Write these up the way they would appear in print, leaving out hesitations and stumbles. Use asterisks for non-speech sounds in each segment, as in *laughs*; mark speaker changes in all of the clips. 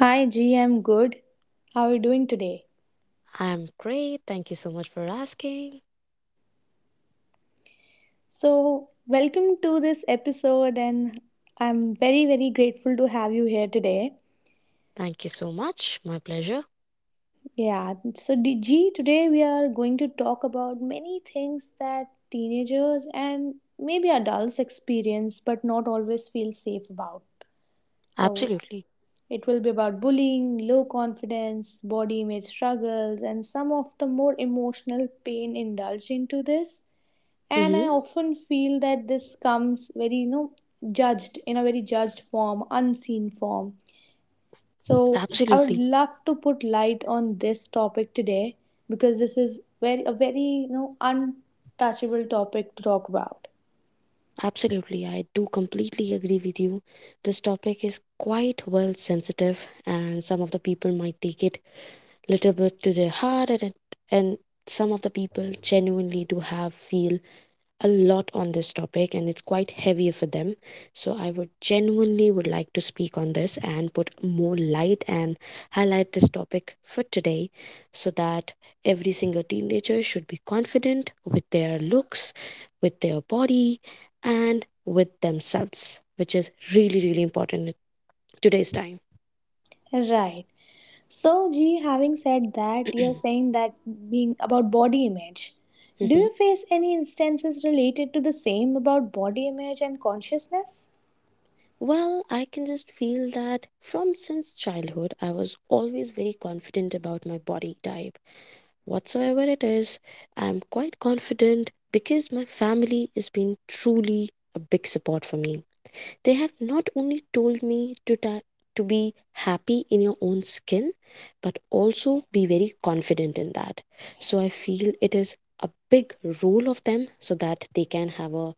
Speaker 1: Hi, G. I'm good. How are you doing today?
Speaker 2: I'm great. Thank you so much for asking.
Speaker 1: So, welcome to this episode, and I'm very, very grateful to have you here today.
Speaker 2: Thank you so much. My pleasure.
Speaker 1: Yeah, so, G, today we are going to talk about many things that teenagers and maybe adults experience but not always feel safe about. So,
Speaker 2: Absolutely.
Speaker 1: it will be about bullying, low confidence, body image struggles, and some of the more emotional pain indulged into this. And I
Speaker 2: Mm-hmm.
Speaker 1: often feel that this comes very, judged, in a very judged form, unseen form. So I would
Speaker 2: Absolutely.
Speaker 1: love to put light on this topic today, because this was very, a very, untouchable topic to talk about.
Speaker 2: Absolutely. I do completely agree with you. This topic is quite well sensitive and some of the people might take it little bit to their heart and some of the people genuinely do have feel a lot on this topic, and it's quite heavy for them. So I would genuinely would like to speak on this and put more light and highlight this topic for today, so that every single teenager should be confident with their looks, with their body and with themselves, which is really really important in today's time.
Speaker 1: Right, so G, having said that, you're
Speaker 2: *clears throat*
Speaker 1: saying that, being about body image, do
Speaker 2: Mhm.
Speaker 1: you face any instances related to the same about body image and consciousness?
Speaker 2: Well, I can just feel that from since childhood, I was always very confident about my body type, whatsoever it is. I'm quite confident because my family has been truly a big support for me. They have not only told me to be happy in your own skin, but also be very confident in that. So I feel it is a big role of them so that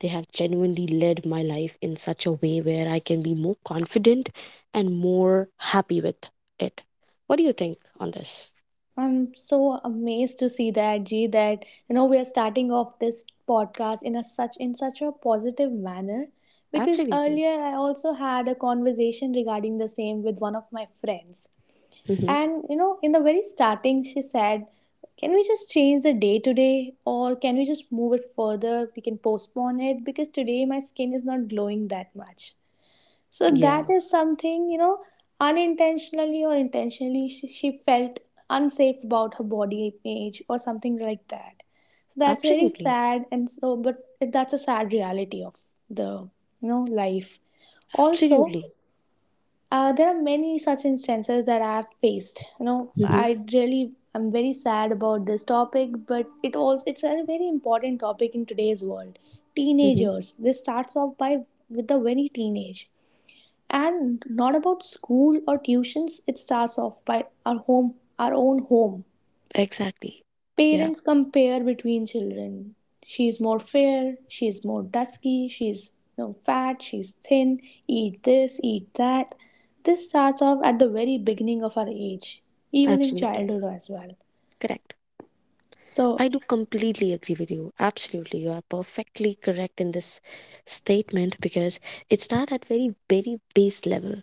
Speaker 2: they have genuinely led my life in such a way where I can be more confident and more happy with it. What do you think on this?
Speaker 1: I'm so amazed to see that, G, that you know we are starting off this podcast in a such in such a positive manner, because
Speaker 2: Absolutely.
Speaker 1: earlier I also had a conversation regarding the same with one of my friends.
Speaker 2: Hmm.
Speaker 1: And you know, in the very starting she said, "Can we just change the day today, or can we just move it further? We can postpone it because today my skin is not glowing that much." So
Speaker 2: Yeah,
Speaker 1: that is something, you know, unintentionally or intentionally, she felt unsafe about her body image or something like that. So that's very
Speaker 2: absolutely.
Speaker 1: sad, and so, but that's a sad reality of the, you know, life. Also,
Speaker 2: Absolutely.
Speaker 1: there are many such instances that I have faced. You know,
Speaker 2: Mm-hmm.
Speaker 1: I really am very sad about this topic, but it also it's a very important topic in today's world.
Speaker 2: Mm-hmm.
Speaker 1: Teenagers, this starts off by, with the very teenage, and not about school or tuitions. It starts off by our home, our own home.
Speaker 2: Exactly. Yeah,
Speaker 1: Parents compare between children. She is more fair, she is more dusky, she's you know, fat, she's thin, eat this, eat that. This starts off at the very beginning of our age, even in
Speaker 2: absolutely.
Speaker 1: childhood as well.
Speaker 2: Correct.
Speaker 1: So.
Speaker 2: I do completely agree with you. Absolutely. You are perfectly correct in this statement because it starts at very, very base level.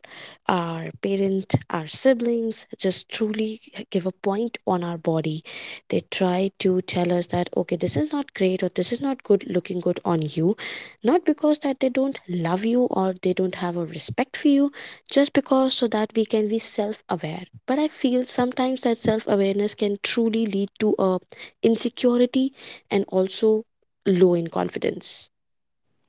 Speaker 2: Our parent, our siblings just truly give a point on our body. They try to tell us that, okay, this is not great or this is not good looking good on you. Not because that they don't love you or they don't have a respect for you, just because so that we can be self aware. But I feel sometimes that self awareness can truly lead to a insecurity and also low in confidence.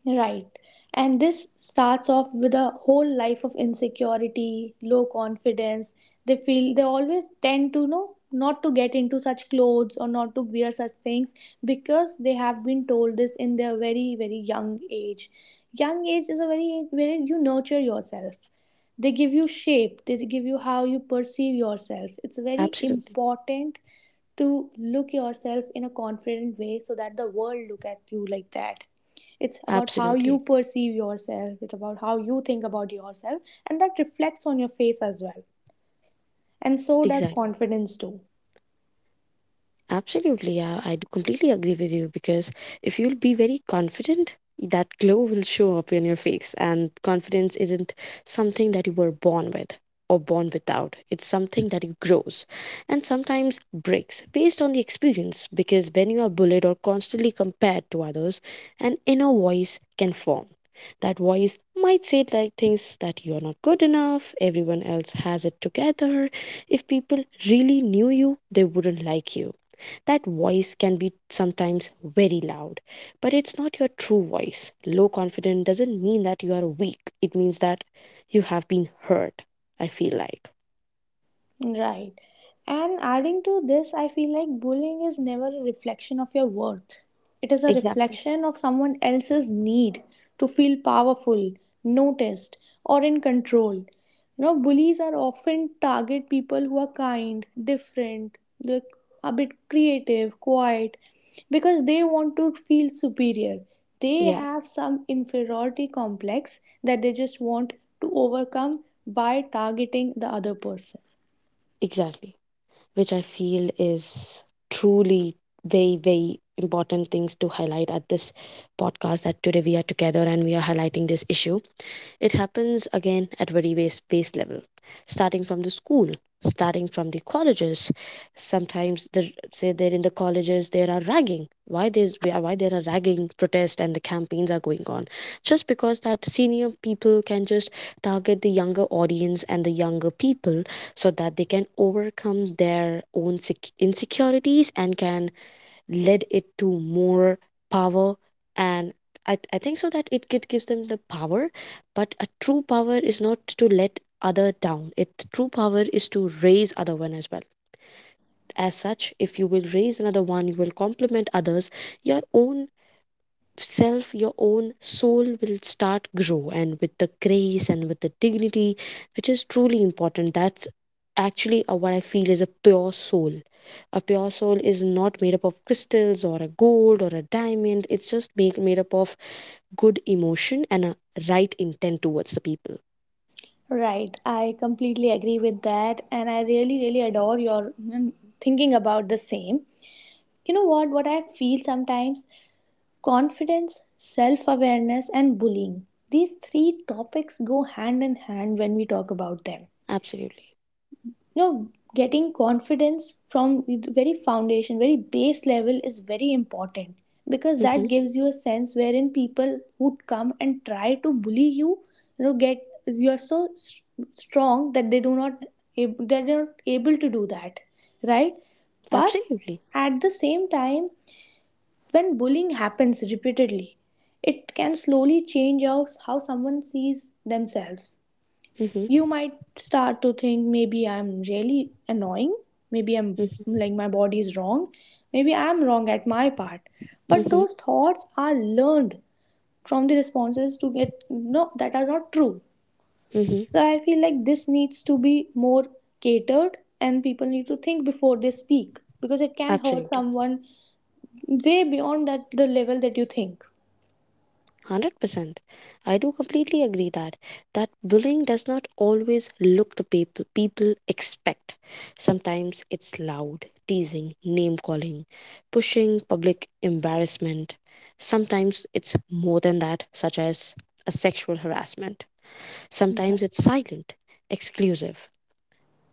Speaker 1: Right. And this starts off with a whole life of insecurity, low confidence. They feel, they always tend to know not to get into such clothes or not to wear such things, because they have been told this in their very, very young age. Young age is a very where you nurture yourself. They give you shape, they give you how you perceive yourself. It's very
Speaker 2: Absolutely.
Speaker 1: important to look yourself in a confident way, so that the world look at you like that. It's about how you
Speaker 2: Absolutely.
Speaker 1: perceive yourself, it's about how you think about yourself, and that reflects on your face as well. And so does
Speaker 2: Exactly.
Speaker 1: confidence too.
Speaker 2: Absolutely, I do completely agree with you, because if you'll be very confident, that glow will show up in your face. And confidence isn't something that you were born with or born without, it's something that it grows and sometimes breaks based on the experience. Because when you are bullied or constantly compared to others, an inner voice can form. That voice might say like things that you are not good enough, everyone else has it together. If people really knew you, they wouldn't like you. That voice can be sometimes very loud, but it's not your true voice. Low confidence doesn't mean that you are weak, it means that you have been hurt, I feel like.
Speaker 1: Right. And adding to this, I feel like bullying is never a reflection of your worth. It is a
Speaker 2: Exactly.
Speaker 1: reflection of someone else's need to feel powerful, noticed, or in control. You know, bullies are often target people who are kind, different, look a bit creative, quiet, because they want to feel superior. They
Speaker 2: Yeah,
Speaker 1: have some inferiority complex that they just want to overcome by targeting the other person.
Speaker 2: exactly. Which I feel is truly very, very important things to highlight at this podcast, that today we are together and we are highlighting this issue. It happens again at very base, base level, starting from the school, starting from the colleges. Sometimes the say there in the colleges there are ragging. Why there's why there are ragging protests and the campaigns are going on, just because that senior people can just target the younger audience and the younger people, so that they can overcome their own insecurities and can led it to more power. And I think so that it gives them the power, but a true power is not to let other down, it true power is to raise other one as well. As such, if you will raise another one, you will complement others, your own self, your own soul will start grow and with the grace and with the dignity, which is truly important. That's actually what I feel is a pure soul. A pure soul is not made up of crystals or a gold or a diamond, it's just made up of good emotion and a right intent towards the people.
Speaker 1: Right, I completely agree with that, and I really, really adore your thinking about the same. You know what? What I feel sometimes, confidence, self awareness, and bullying. These three topics go hand in hand when we talk about them.
Speaker 2: Absolutely.
Speaker 1: You know, getting confidence from the very foundation, very base level is very important, because that
Speaker 2: Mm-hmm.
Speaker 1: gives you a sense wherein people who come and try to bully you, you know, get, you are so strong that they do not, that they are not able to do that. Right. But
Speaker 2: Absolutely.
Speaker 1: at the same time, when bullying happens repeatedly, it can slowly change how someone sees themselves.
Speaker 2: Mm-hmm.
Speaker 1: You might start to think maybe I'm really annoying, maybe I'm
Speaker 2: Mm-hmm.
Speaker 1: like my body is wrong, maybe I'm wrong at my part. But
Speaker 2: Mm-hmm.
Speaker 1: those thoughts are learned from the responses to get, no, that are not true.
Speaker 2: Mm-hmm.
Speaker 1: So I feel like this needs to be more catered, and people need to think before they speak, because it can hurt
Speaker 2: Absolutely.
Speaker 1: someone way beyond that the level that you think.
Speaker 2: 100%. I do completely agree that that bullying does not always look the people expect. Sometimes it's loud, teasing, name calling, pushing public embarrassment. Sometimes it's more than that, such as a sexual harassment. Sometimes it's
Speaker 1: Right.
Speaker 2: silent, exclusive,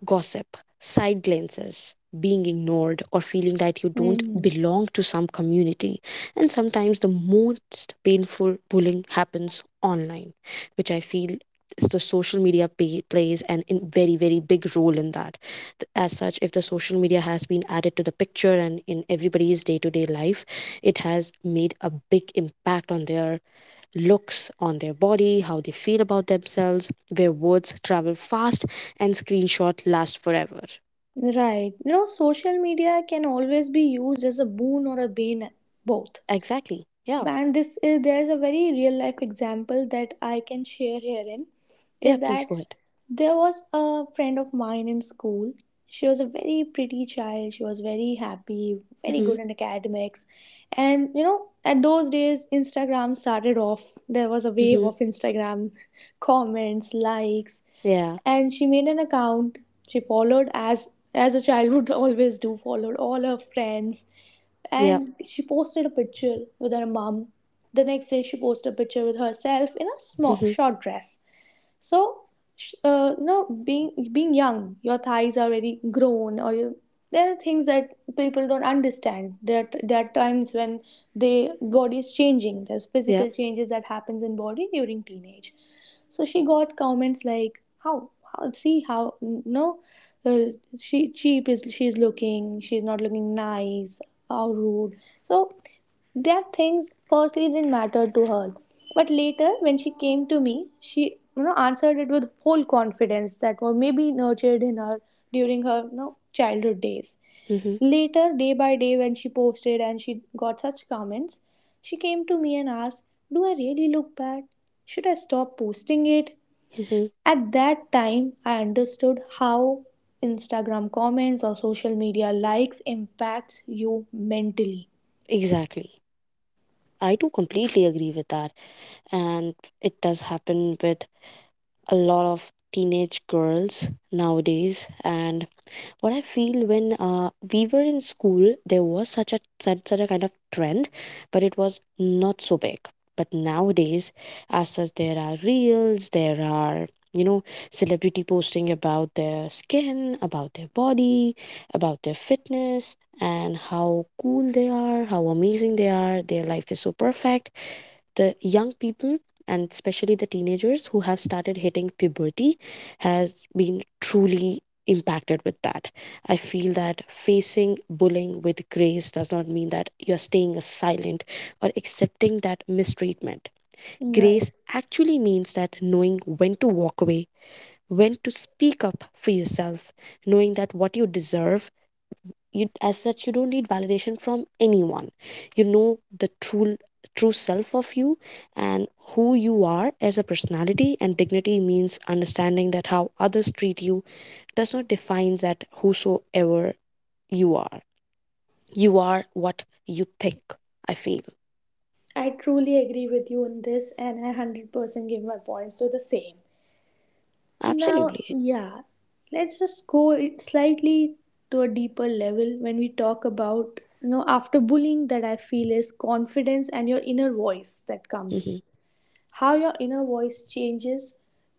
Speaker 2: gossip, side glances, being ignored, or feeling that you don't
Speaker 1: Mhm.
Speaker 2: belong to some community. And sometimes the most painful bullying happens online, which I feel is the social media plays an in very very big role in that. As such, if the social media has been added to the picture and in everybody's day-to-day life, it has made a big impact on their looks, on their body, how they feel about themselves, where words travel fast and screenshot last forever.
Speaker 1: Right. You know, social media can always be used as a boon or a bane, both.
Speaker 2: Exactly. Yeah.
Speaker 1: And this is, there is a very real life example that I can share herein,
Speaker 2: Yeah,
Speaker 1: is
Speaker 2: please go
Speaker 1: that
Speaker 2: ahead.
Speaker 1: there was a friend of mine in school. She was a very pretty child, she was very happy, very
Speaker 2: Mhm.
Speaker 1: good in academics. And you know, at those days Instagram started off, there was a wave
Speaker 2: Mhm.
Speaker 1: of Instagram *laughs* comments, likes.
Speaker 2: Yeah.
Speaker 1: And she made an account, she followed, as a child would *laughs* always do, followed all her friends.
Speaker 2: Yeah.
Speaker 1: And she posted a picture with her mom. The next day, she posted a picture with herself in a small
Speaker 2: Mhm.
Speaker 1: short dress. So, you know, being young, your thighs are already grown, or you, there are things that people don't understand. That there are times when the body is changing. There's
Speaker 2: Yeah.
Speaker 1: physical changes that happens in body during teenage. So she got comments like, "How? How? See how? No, uh, she cheap is. She's looking. She's not looking nice. How rude." So that things firstly didn't matter to her. But later, when she came to me, she you know answered it with whole confidence that was maybe nurtured in her during her, you know, childhood days.
Speaker 2: Mhm.
Speaker 1: Later, day by day, when she posted and she got such comments, she came to me and asked, do I really look bad? Should I stop posting it?
Speaker 2: Mhm.
Speaker 1: At that time, I understood how Instagram comments or social media likes impacts you mentally.
Speaker 2: Exactly. I do completely agree with that, and it does happen with a lot of teenage girls nowadays. And what I feel, when we were in school, there was such a such a kind of trend, but it was not so big. But nowadays, as such, there are reels, there are you know celebrity posting about their skin, about their body, about their fitness, and how cool they are, how amazing they are. Their life is so perfect, the young people and especially the teenagers who have started hitting puberty has been truly impacted with that. I feel that facing bullying with grace does not mean that you're staying silent or accepting that mistreatment.
Speaker 1: Right.
Speaker 2: Grace actually means that knowing when to walk away, when to speak up for yourself, knowing that what you deserve. You as such you don't need validation from anyone, you know, the true true self of you, and who you are as a personality and dignity means understanding that how others treat you does not define that whosoever you are. You are what you think, I feel.
Speaker 1: I truly agree with you on this, and I 100% give my points to the same. Now,
Speaker 2: Absolutely.
Speaker 1: yeah, let's just go it slightly to a deeper level when we talk about, you know, after bullying that I feel is confidence and your inner voice that comes.
Speaker 2: Hmm.
Speaker 1: How your inner voice changes,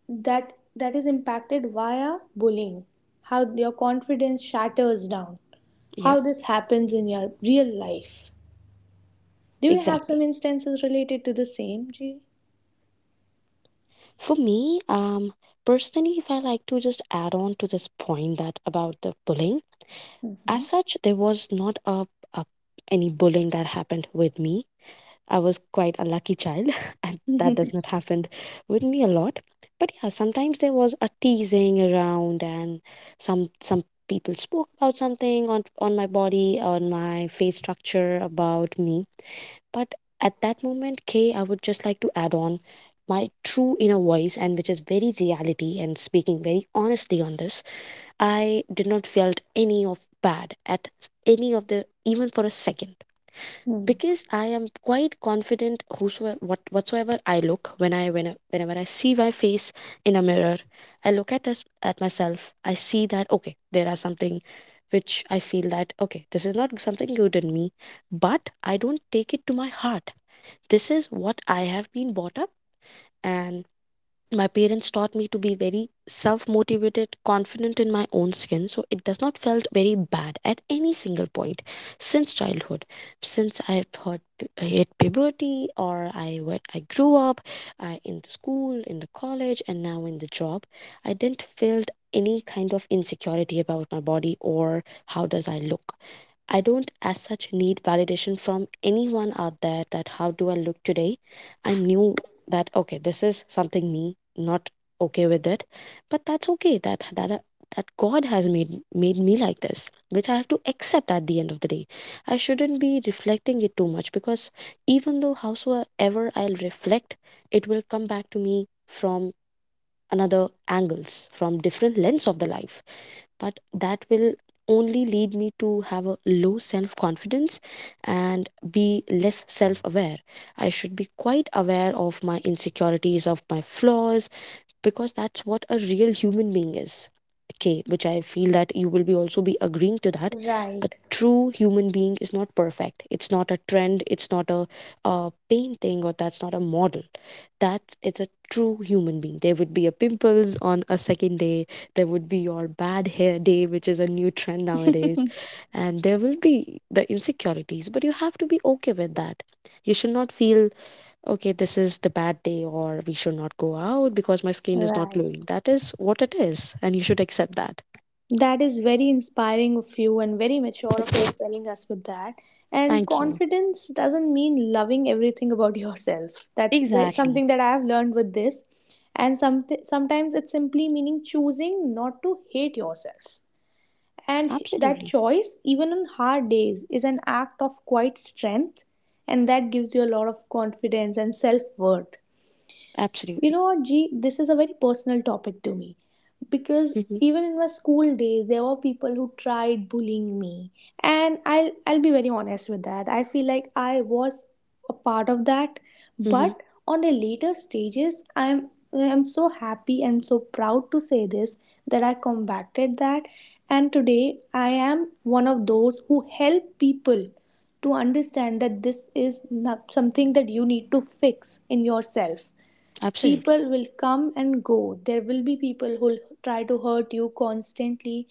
Speaker 1: that is impacted via bullying. How your confidence shatters down.
Speaker 2: Yeah,
Speaker 1: How this happens in your real life. Do you have
Speaker 2: exactly.
Speaker 1: some instances related to the same, G?
Speaker 2: For me, personally, if I like to just add on to this point that about the bullying. As such, there was not a, a any bullying that happened with me. I was quite a lucky child, *laughs* and that does not happen with me a lot. But yeah, sometimes there was a teasing around, and some people spoke about something on my body, on my face structure, about me. But at that moment, Kay, I would just like to add on my true inner voice, and which is very reality and speaking very honestly on this. I did not felt any of bad at any of the even for a second,
Speaker 1: Hmm.
Speaker 2: because I am quite confident whosoever what whatsoever I look, when I whenever I see my face in a mirror, I look at us at myself, I see that okay, there are something which I feel that okay, this is not something good in me, but I don't take it to my heart. This is what I have been brought up, and my parents taught me to be very self-motivated, confident in my own skin, so it does not felt very bad at any single point since childhood. Since I've had I hit puberty or I when I grew up, in the school, in the college, and now in the job, I didn't felt any kind of insecurity about my body or how does I look. I don't as such need validation from anyone out there that how do I look today. I knew that okay, this is something me, not okay with it. But that's okay that that God has made me like this, which I have to accept at the end of the day. I shouldn't be reflecting it too much, because even though howsoever I'll reflect, it will come back to me from another angles, from different lens of the life, but that will only lead me to have a low self confidence and be less self aware. I should be quite aware of my insecurities, of my flaws, because that's what a real human being is, okay, which I feel that you will be also be agreeing to that. A
Speaker 1: Right.
Speaker 2: true human being is not perfect, it's not a trend, it's not a, painting or that's not a model. That's it's a true human being. There would be a pimples on a second day, there would be your bad hair day, which is a new trend nowadays,
Speaker 1: *laughs*
Speaker 2: and there will be the insecurities, but you have to be okay with that. You should not feel okay, this is the bad day, or we should not go out because my skin is not
Speaker 1: Right.
Speaker 2: glowing. That is what it is, and you should accept that.
Speaker 1: That is very inspiring of you and very mature of
Speaker 2: Okay.
Speaker 1: you telling us with that. And
Speaker 2: Thank you.
Speaker 1: confidence doesn't mean loving everything about *laughs* yourself. That's
Speaker 2: Exactly.
Speaker 1: something that I have learned with this. And sometimes it's simply meaning choosing not to hate yourself. And that
Speaker 2: Absolutely.
Speaker 1: choice, even on hard days, is an act of quite strength. And that gives you a lot of confidence and self worth. You
Speaker 2: Absolutely.
Speaker 1: know what, G, this is a very personal topic to me, because
Speaker 2: Mm-hmm.
Speaker 1: even in my school days, there were people who tried bullying me, and I'll be very honest with that. I feel like I was a part of that,
Speaker 2: Mm-hmm.
Speaker 1: but on the later stages, I'm so happy and so proud to say this, that I combated that, and today I am one of those who help people to understand that this is not something that you need to fix in yourself.
Speaker 2: Absolutely.
Speaker 1: People will come and go. There will be people who'll try to hurt you constantly,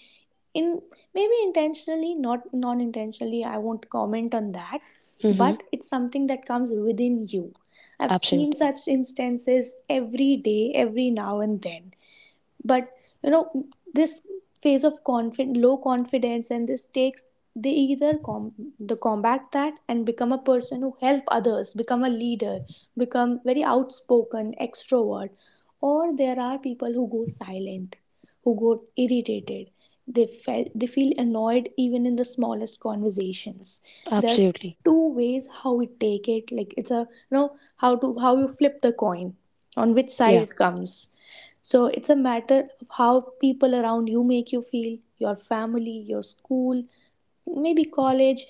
Speaker 1: in maybe intentionally, not non intentionally. I won't comment on that,
Speaker 2: Mm-hmm.
Speaker 1: but it's something that comes within you. I've seen
Speaker 2: Absolutely.
Speaker 1: such instances every day, every now and then. But you know, this phase of confid low confidence, and this takes, they either com- the combat that and become a person who help others, become a leader, become very outspoken, extrovert, or there are people who go silent, who go irritated, they feel annoyed even in the smallest conversations. There are
Speaker 2: Absolutely.
Speaker 1: two ways how we take it, like it's a, you know, how to, how you flip the coin, on which side
Speaker 2: Yeah.
Speaker 1: it comes. So it's a matter of how people around you make you feel, your family, your school, maybe college,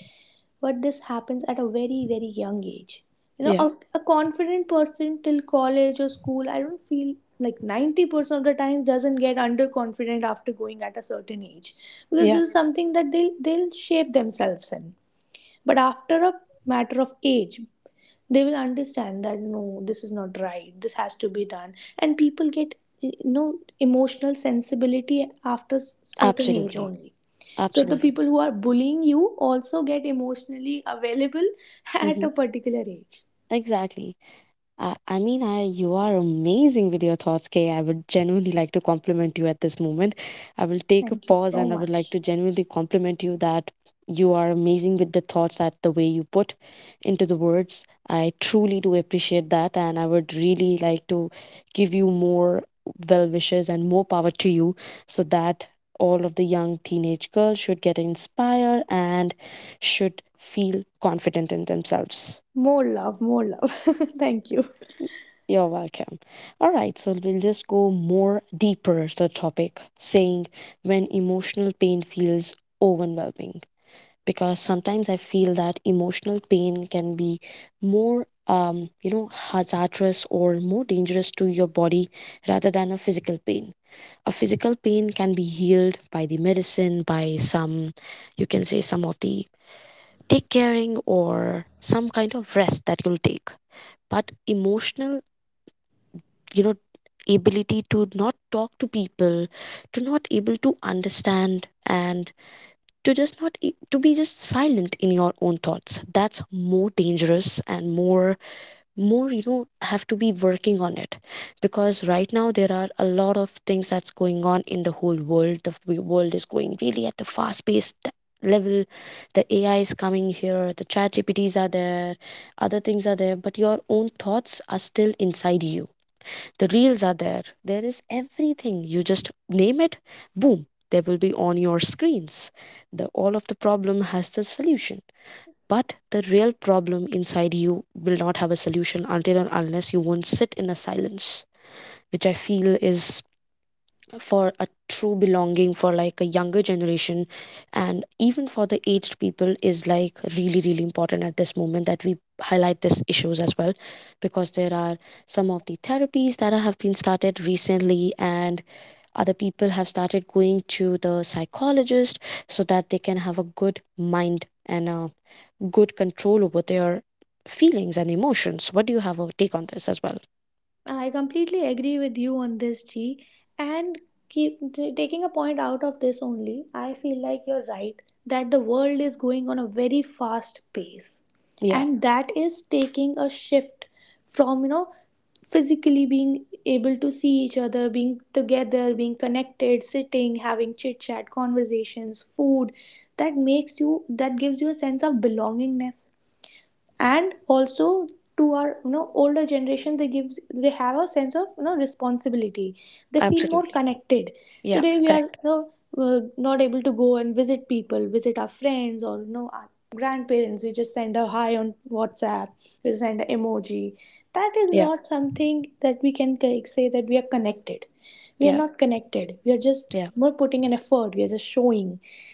Speaker 1: but this happens at a very, very young age. You know,
Speaker 2: Yeah.
Speaker 1: a confident person till college or school, I don't feel like 90% of the time doesn't get underconfident after going at a certain age, because
Speaker 2: Yeah.
Speaker 1: this is something that they'll shape themselves in. But after a matter of age, they will understand that no, this is not right, this has to be done. And people get, you know, emotional sensibility after certain age
Speaker 2: Absolutely.
Speaker 1: only. So the
Speaker 2: Absolutely.
Speaker 1: people who are bullying you also get emotionally available *laughs* at
Speaker 2: Mm-hmm.
Speaker 1: a particular age.
Speaker 2: Exactly. I mean, I you are amazing with your thoughts, Kay. I would genuinely like to compliment you at this moment. I will take a
Speaker 1: Thank you
Speaker 2: pause
Speaker 1: so
Speaker 2: and I would like
Speaker 1: much.
Speaker 2: to genuinely compliment you that you are amazing with the thoughts that the way you put into the words. I truly do appreciate that, and I would really like to give you more well wishes and more power to you so that all of the young teenage girls should get inspired and should feel confident in themselves.
Speaker 1: More love, more love. *laughs* Thank you.
Speaker 2: Y- You're welcome. All right, so we'll just go more deeper to the topic, saying when emotional pain feels overwhelming. Because sometimes I feel that emotional pain can be more hazardous or more dangerous to your body rather than a physical pain. A physical pain can be healed by the medicine, by some, you can say, some of the take caring or some kind of rest that you'll take, but emotional, you know, ability to not talk to people, to not able to understand, and to just not e- to be just silent in your own thoughts. That's more dangerous and more, you know, have to be working on it. Because right now there are a lot of things that's going on in the whole world. The world is going really at the fast paced level. The AI is coming here, the chat GPTs are there, other things are there, but your own thoughts are still inside you. The reels are there, there is everything, you just name it, boom, they will be on your screens. The all of the problem has the solution, but the real problem inside you will not have a solution until and unless you won't sit in a silence, which I feel is for a true belonging for like a younger generation, and even for the aged people, is like really really important at this moment that we highlight these issues as well. Because there are some of the therapies that have been started recently, and other people have started going to the psychologist so that they can have a good mind and a good control over their feelings and emotions. What do you have a take on this as well?
Speaker 1: I completely agree with you on this, G. And keep taking a point out of this only, I feel like you're right, that the world is going on a very fast pace,
Speaker 2: Yeah.
Speaker 1: and that is taking a shift from, you know, physically being able to see each other, being together, being connected, sitting, having chit chat, conversations, food. That gives you a sense of belongingness, and also to our older generation, they have a sense of responsibility. They feel more
Speaker 2: Absolutely.
Speaker 1: connected.
Speaker 2: Yeah,
Speaker 1: Today we are,
Speaker 2: correct.
Speaker 1: not able to go and visit people, visit our friends or our grandparents. We just send a hi on WhatsApp, we send an emoji. That is
Speaker 2: Yeah,
Speaker 1: not something that we can say that we are connected. We are
Speaker 2: yeah,
Speaker 1: not connected, we are just
Speaker 2: yeah,
Speaker 1: more putting an effort, we are just showing.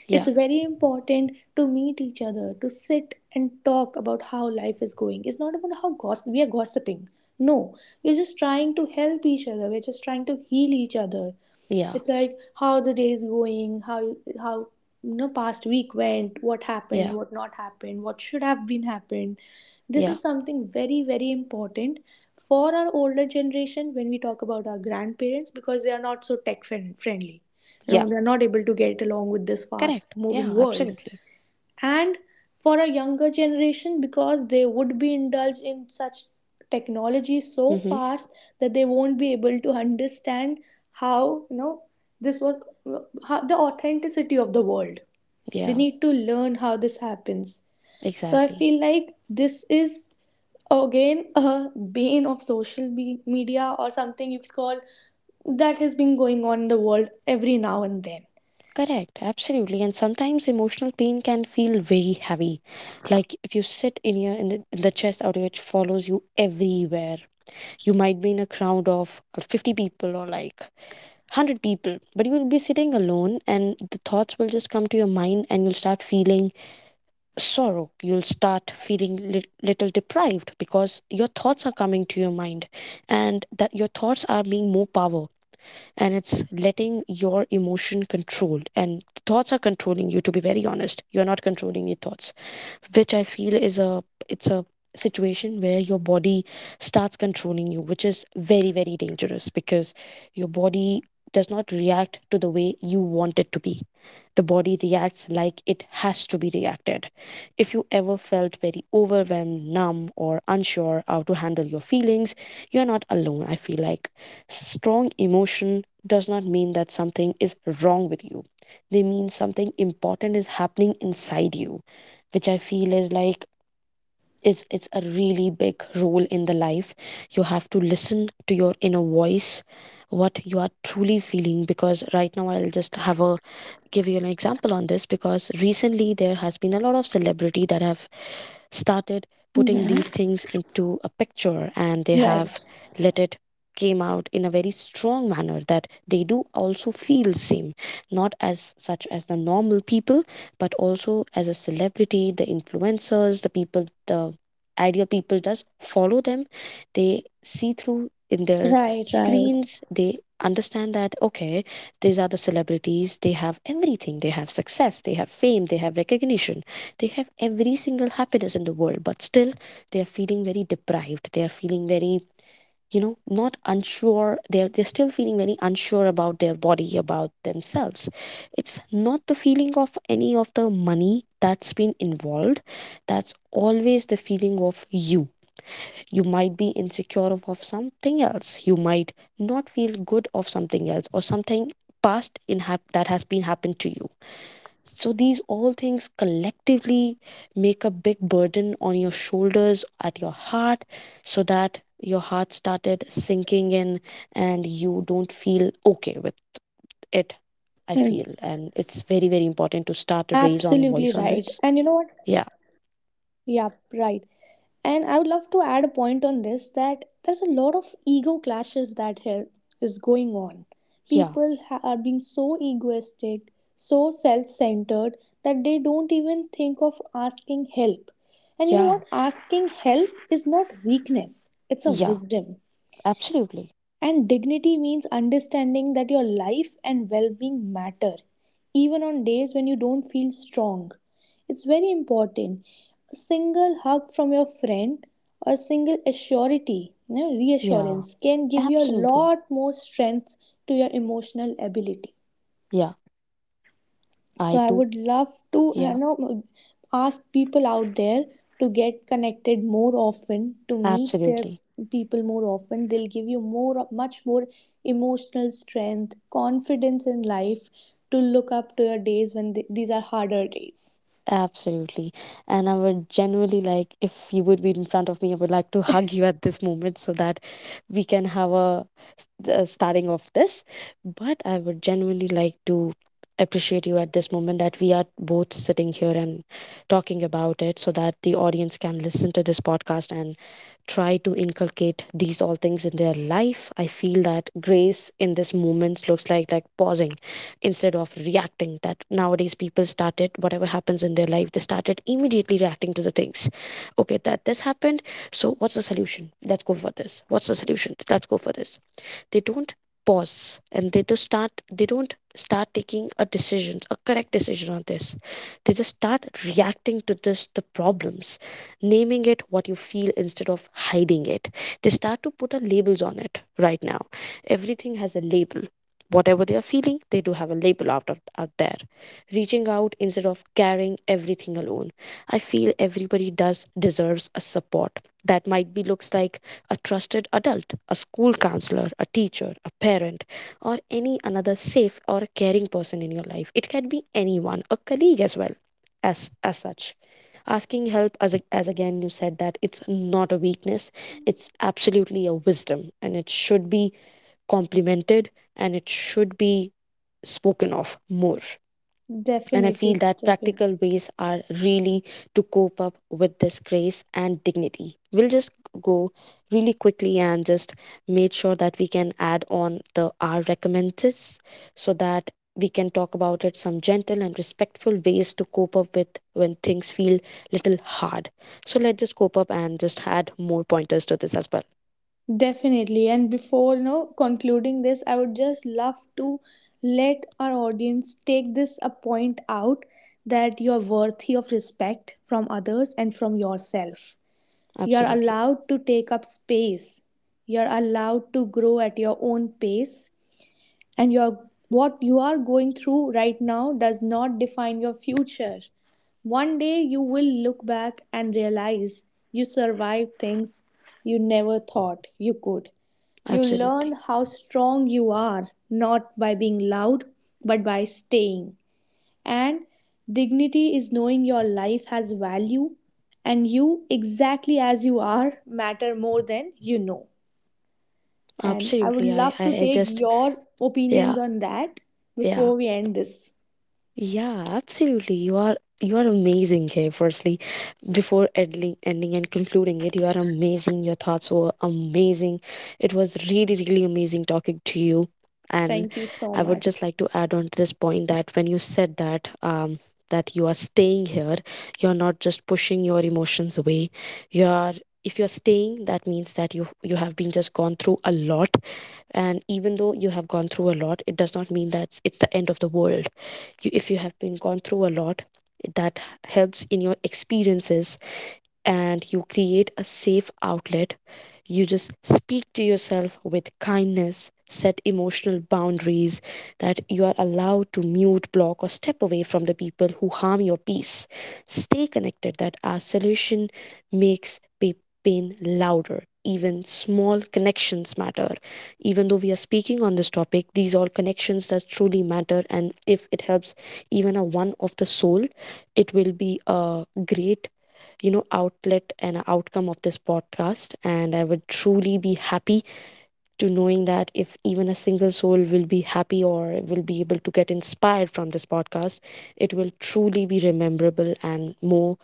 Speaker 2: yeah.
Speaker 1: It's very important to meet each other, to sit and talk about how life is going. It's not about how gossip, we are gossiping. No, we're just trying to help each other. We're just trying to heal each other.
Speaker 2: Yeah,
Speaker 1: It's like how the day is going, how past week went, what happened,
Speaker 2: yeah,
Speaker 1: what not happened, what should have been happened. This
Speaker 2: yeah,
Speaker 1: is something very very important for our older generation when we talk about our grandparents, because they are not so friendly. You
Speaker 2: yeah.
Speaker 1: know, they're not able to get along with this fast
Speaker 2: Correct. Yeah,
Speaker 1: moving world.
Speaker 2: absolutely.
Speaker 1: And for a younger generation, because they would be indulged in such technology so
Speaker 2: Mm-hmm.
Speaker 1: fast that they won't be able to understand how, this was, how, the authenticity of the world. They
Speaker 2: Yeah,
Speaker 1: need to learn how this happens. So I
Speaker 2: exactly.
Speaker 1: feel like this is again a bane of social media, or something you could call, that has been going on in the world every now and then.
Speaker 2: Correct. Absolutely. And sometimes emotional pain can feel very heavy. Like if you sit in your in the chest area, it follows you everywhere. You might be in a crowd of 50 people or like 100 people, but you will be sitting alone and the thoughts will just come to your mind, and you'll start feeling sorrow. You'll start feeling little deprived because your thoughts are coming to your mind, and that your thoughts are being more power, and it's letting your emotion controlled and thoughts are controlling you, to be very honest. You're not controlling your thoughts, which I feel is a, it's a situation where your body starts controlling you, which is very very dangerous, because your body does not react to the way you want it to be. The body reacts like it has to be reacted. If you ever felt very overwhelmed, numb, or unsure how to handle your feelings, you're not alone. I feel like strong emotion does not mean that something is wrong with you. They mean something important is happening inside you, which I feel is like, it's a really big role in the life. You have to listen to your inner voice, what you are truly feeling. Because right now, I'll just have a, give you an example on this. Because recently, there has been a lot of celebrity that have started putting
Speaker 1: Yeah.
Speaker 2: these things into a picture, and they have
Speaker 1: Right,
Speaker 2: let it came out in a very strong manner that they do also feel same, not as such as the normal people, but also as a celebrity, the influencers, the people, the ideal people just follow them. They see through in their
Speaker 1: right, right.
Speaker 2: screens, they understand that okay, these are the celebrities, they have everything, they have success, they have fame, they have recognition, they have every single happiness in the world, but still they are feeling very deprived. They are feeling very, you know, not unsure, they're still feeling very unsure about their body, about themselves. It's not the feeling of any of the money that's been involved. That's always the feeling of you. You might be insecure of something else, you might not feel good of something else, or something that has been happened to you. So these all things collectively make a big burden on your shoulders, at your heart, so that your heart started sinking in and you don't feel okay with it,
Speaker 1: And
Speaker 2: I feel. And it's very, very important
Speaker 1: absolutely
Speaker 2: to
Speaker 1: right.
Speaker 2: start to
Speaker 1: And you
Speaker 2: raise
Speaker 1: know
Speaker 2: on
Speaker 1: what?
Speaker 2: voice on this. Yeah.
Speaker 1: Yeah, right. And I would love to add a point on this, that there's a lot of ego clashes that here is going on.
Speaker 2: Yeah.
Speaker 1: People are being so egoistic, so self-centered, that they don't even think of asking help. And you know
Speaker 2: Yeah.
Speaker 1: what? Asking help is not weakness. It's a
Speaker 2: Yeah.
Speaker 1: wisdom.
Speaker 2: Absolutely.
Speaker 1: And dignity means understanding that your life and well being matter, even on days when you don't feel strong. It's very important. A single hug from your friend, or a single assurity, you know,
Speaker 2: Yeah.
Speaker 1: reassurance, can give you a
Speaker 2: Absolutely.
Speaker 1: lot more strength to your emotional ability.
Speaker 2: Yeah.
Speaker 1: So
Speaker 2: I
Speaker 1: I
Speaker 2: do.
Speaker 1: would love to,
Speaker 2: Yeah.
Speaker 1: ask people out there to get connected more often, to meet their
Speaker 2: Absolutely.
Speaker 1: people more often. They'll give you more much more emotional strength, confidence in life, to look up to your days when these are harder days.
Speaker 2: Absolutely. And I would genuinely like, if you would be in front of me, I would like to hug you at this moment so that we can have a, a starting of this. But I would genuinely like to appreciate you at this moment that we are both sitting here and talking about it, so that the audience can listen to this podcast and try to inculcate these all things in their life. I feel that grace in this moment looks like pausing instead of reacting. That nowadays people started, whatever happens in their life, they started immediately reacting to the things, okay, that this happened, so what's the solution, let's go for this, what's the solution, let's go for this. They don't pause, and they just start, they don't start taking a decision, a correct decision on this. They just start reacting to this, the problems, naming it what you feel instead of hiding it. They start to put a labels on it. Right now everything has a label, whatever they are feeling, they do have a label out of, out there, reaching out instead of carrying everything alone. I feel everybody does deserves a support. That might be looks like a trusted adult, a school counselor, a teacher, a parent, or any another safe or a caring person in your life. It can be anyone, a colleague as well, as such. Asking help, as, as again you said, that it's not a weakness, it's absolutely a wisdom, and it should be complemented, and it should be spoken of more. And I
Speaker 1: Definitely.
Speaker 2: feel that
Speaker 1: Definitely.
Speaker 2: practical ways are really to cope up with this grace and dignity. We'll just go really quickly and just make sure that we can add on the our recommendations, so that we can talk about it, some gentle and respectful ways to cope up with when things feel little hard. So let's just cope up and just add more pointers to this as well.
Speaker 1: Definitely. And before, you know, concluding this, I would just love to let our audience take this a point out, that you're worthy of respect from others and from yourself. You're
Speaker 2: Absolutely.
Speaker 1: allowed to take up space. You're allowed to grow at your own pace, and your what you are going through right now does not define your future. One day you will look back and realize you survived things you never thought you could. You
Speaker 2: Absolutely.
Speaker 1: learned how strong you are, not by being loud, but by staying. And dignity is knowing your life has value, and you exactly as you are matter more than you know. And I would
Speaker 2: Absolutely. I,
Speaker 1: love
Speaker 2: I
Speaker 1: to
Speaker 2: I
Speaker 1: take
Speaker 2: just,
Speaker 1: your opinions
Speaker 2: yeah,
Speaker 1: on that
Speaker 2: yeah.
Speaker 1: before we end this.
Speaker 2: Yeah, absolutely. You are amazing here. Firstly, before ending, ending and concluding it, you are amazing. Your thoughts were amazing. It was really, really amazing talking to you. And
Speaker 1: Thank you so
Speaker 2: I would
Speaker 1: much.
Speaker 2: just like to add on to this point that when you said that that you are staying here, you're not just pushing your emotions away. You are, if you're staying, that means that you have been just gone through a lot, and even though you have gone through a lot, it does not mean that it's the end of the world. You, if you have been gone through a lot, that helps in your experiences, and you create a safe outlet. You just speak to yourself with kindness, set emotional boundaries, that you are allowed to mute, block, or step away from the people who harm your peace. Stay connected, that our solution makes pain louder. Even small connections matter. Even though we are speaking on this topic, these are connections that truly matter. And if it helps even a one of the soul, it will be a great, you know, outlet and outcome of this podcast. And I would truly be happy to knowing that if even a single soul will be happy or will be able to get inspired from this podcast, it will truly be rememberable and more,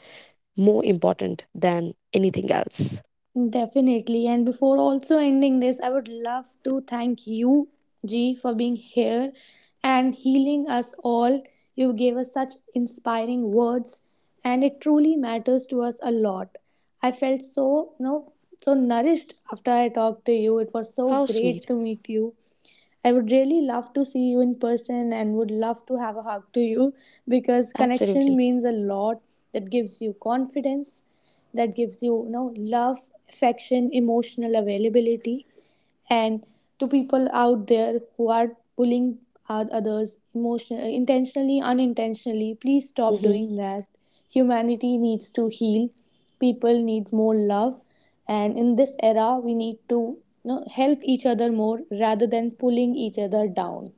Speaker 2: more important than anything else.
Speaker 1: Definitely. And before also ending this, I would love to thank you, G, for being here and healing us all. You gave us such inspiring words, and it truly matters to us a lot. I felt so, you know, so nourished after I talked to you. It was so
Speaker 2: How sweet.
Speaker 1: great to meet you. I would really love to see you in person, and would love to have a hug to you, because connection
Speaker 2: Absolutely.
Speaker 1: means a lot. That gives you confidence, that gives you, you know, love, affection, emotional availability. And to people out there who are bullying others emotion intentionally, unintentionally, please stop
Speaker 2: Mm-hmm.
Speaker 1: doing that. Humanity needs to heal. People needs more love, and in this era, we need to, you know, help each other more rather than pulling each other down.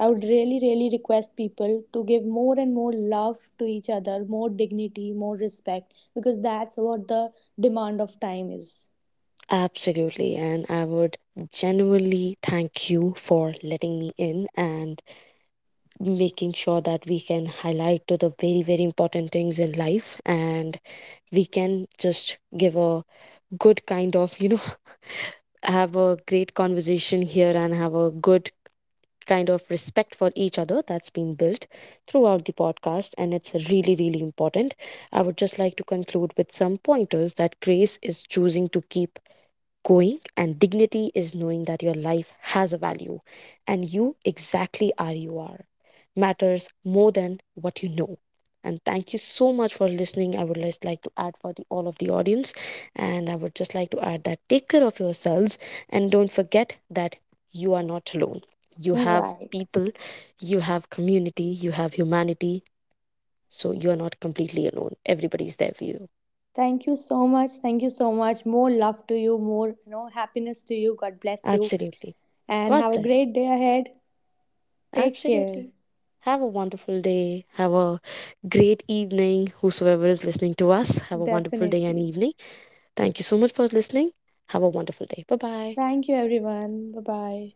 Speaker 1: I would really, really request people to give more and more love to each other, more dignity, more respect, because that's what the demand of time is.
Speaker 2: Absolutely. And I would genuinely thank you for letting me in and making sure that we can highlight to the very, very important things in life. And we can just give a good kind of, you know, *laughs* have a great conversation here and have a good kind of respect for each other that's been built throughout the podcast, and it's really really important. I would just like to conclude with some pointers, that grace is choosing to keep going, and dignity is knowing that your life has a value, and you exactly are, you are, matters more than what you know. And thank you so much for listening. I would just like to add for the, all of the audience, and I would just like to add that take care of yourselves, and don't forget that you are not alone. You have
Speaker 1: Right.
Speaker 2: people, you have community, you have humanity, so you are not completely alone. Everybody's there for you.
Speaker 1: Thank you so much. Thank you so much. More love to you, more, you know, happiness to you. God bless you.
Speaker 2: Absolutely.
Speaker 1: And
Speaker 2: God
Speaker 1: have a
Speaker 2: bless.
Speaker 1: great day ahead. Take care.
Speaker 2: Absolutely. Have a wonderful day. Have a great evening. Whosoever is listening to us, have a wonderful day and
Speaker 1: Definitely.
Speaker 2: evening. Thank you so much for listening. Have a wonderful day. Bye bye.
Speaker 1: Thank you, everyone. Bye bye.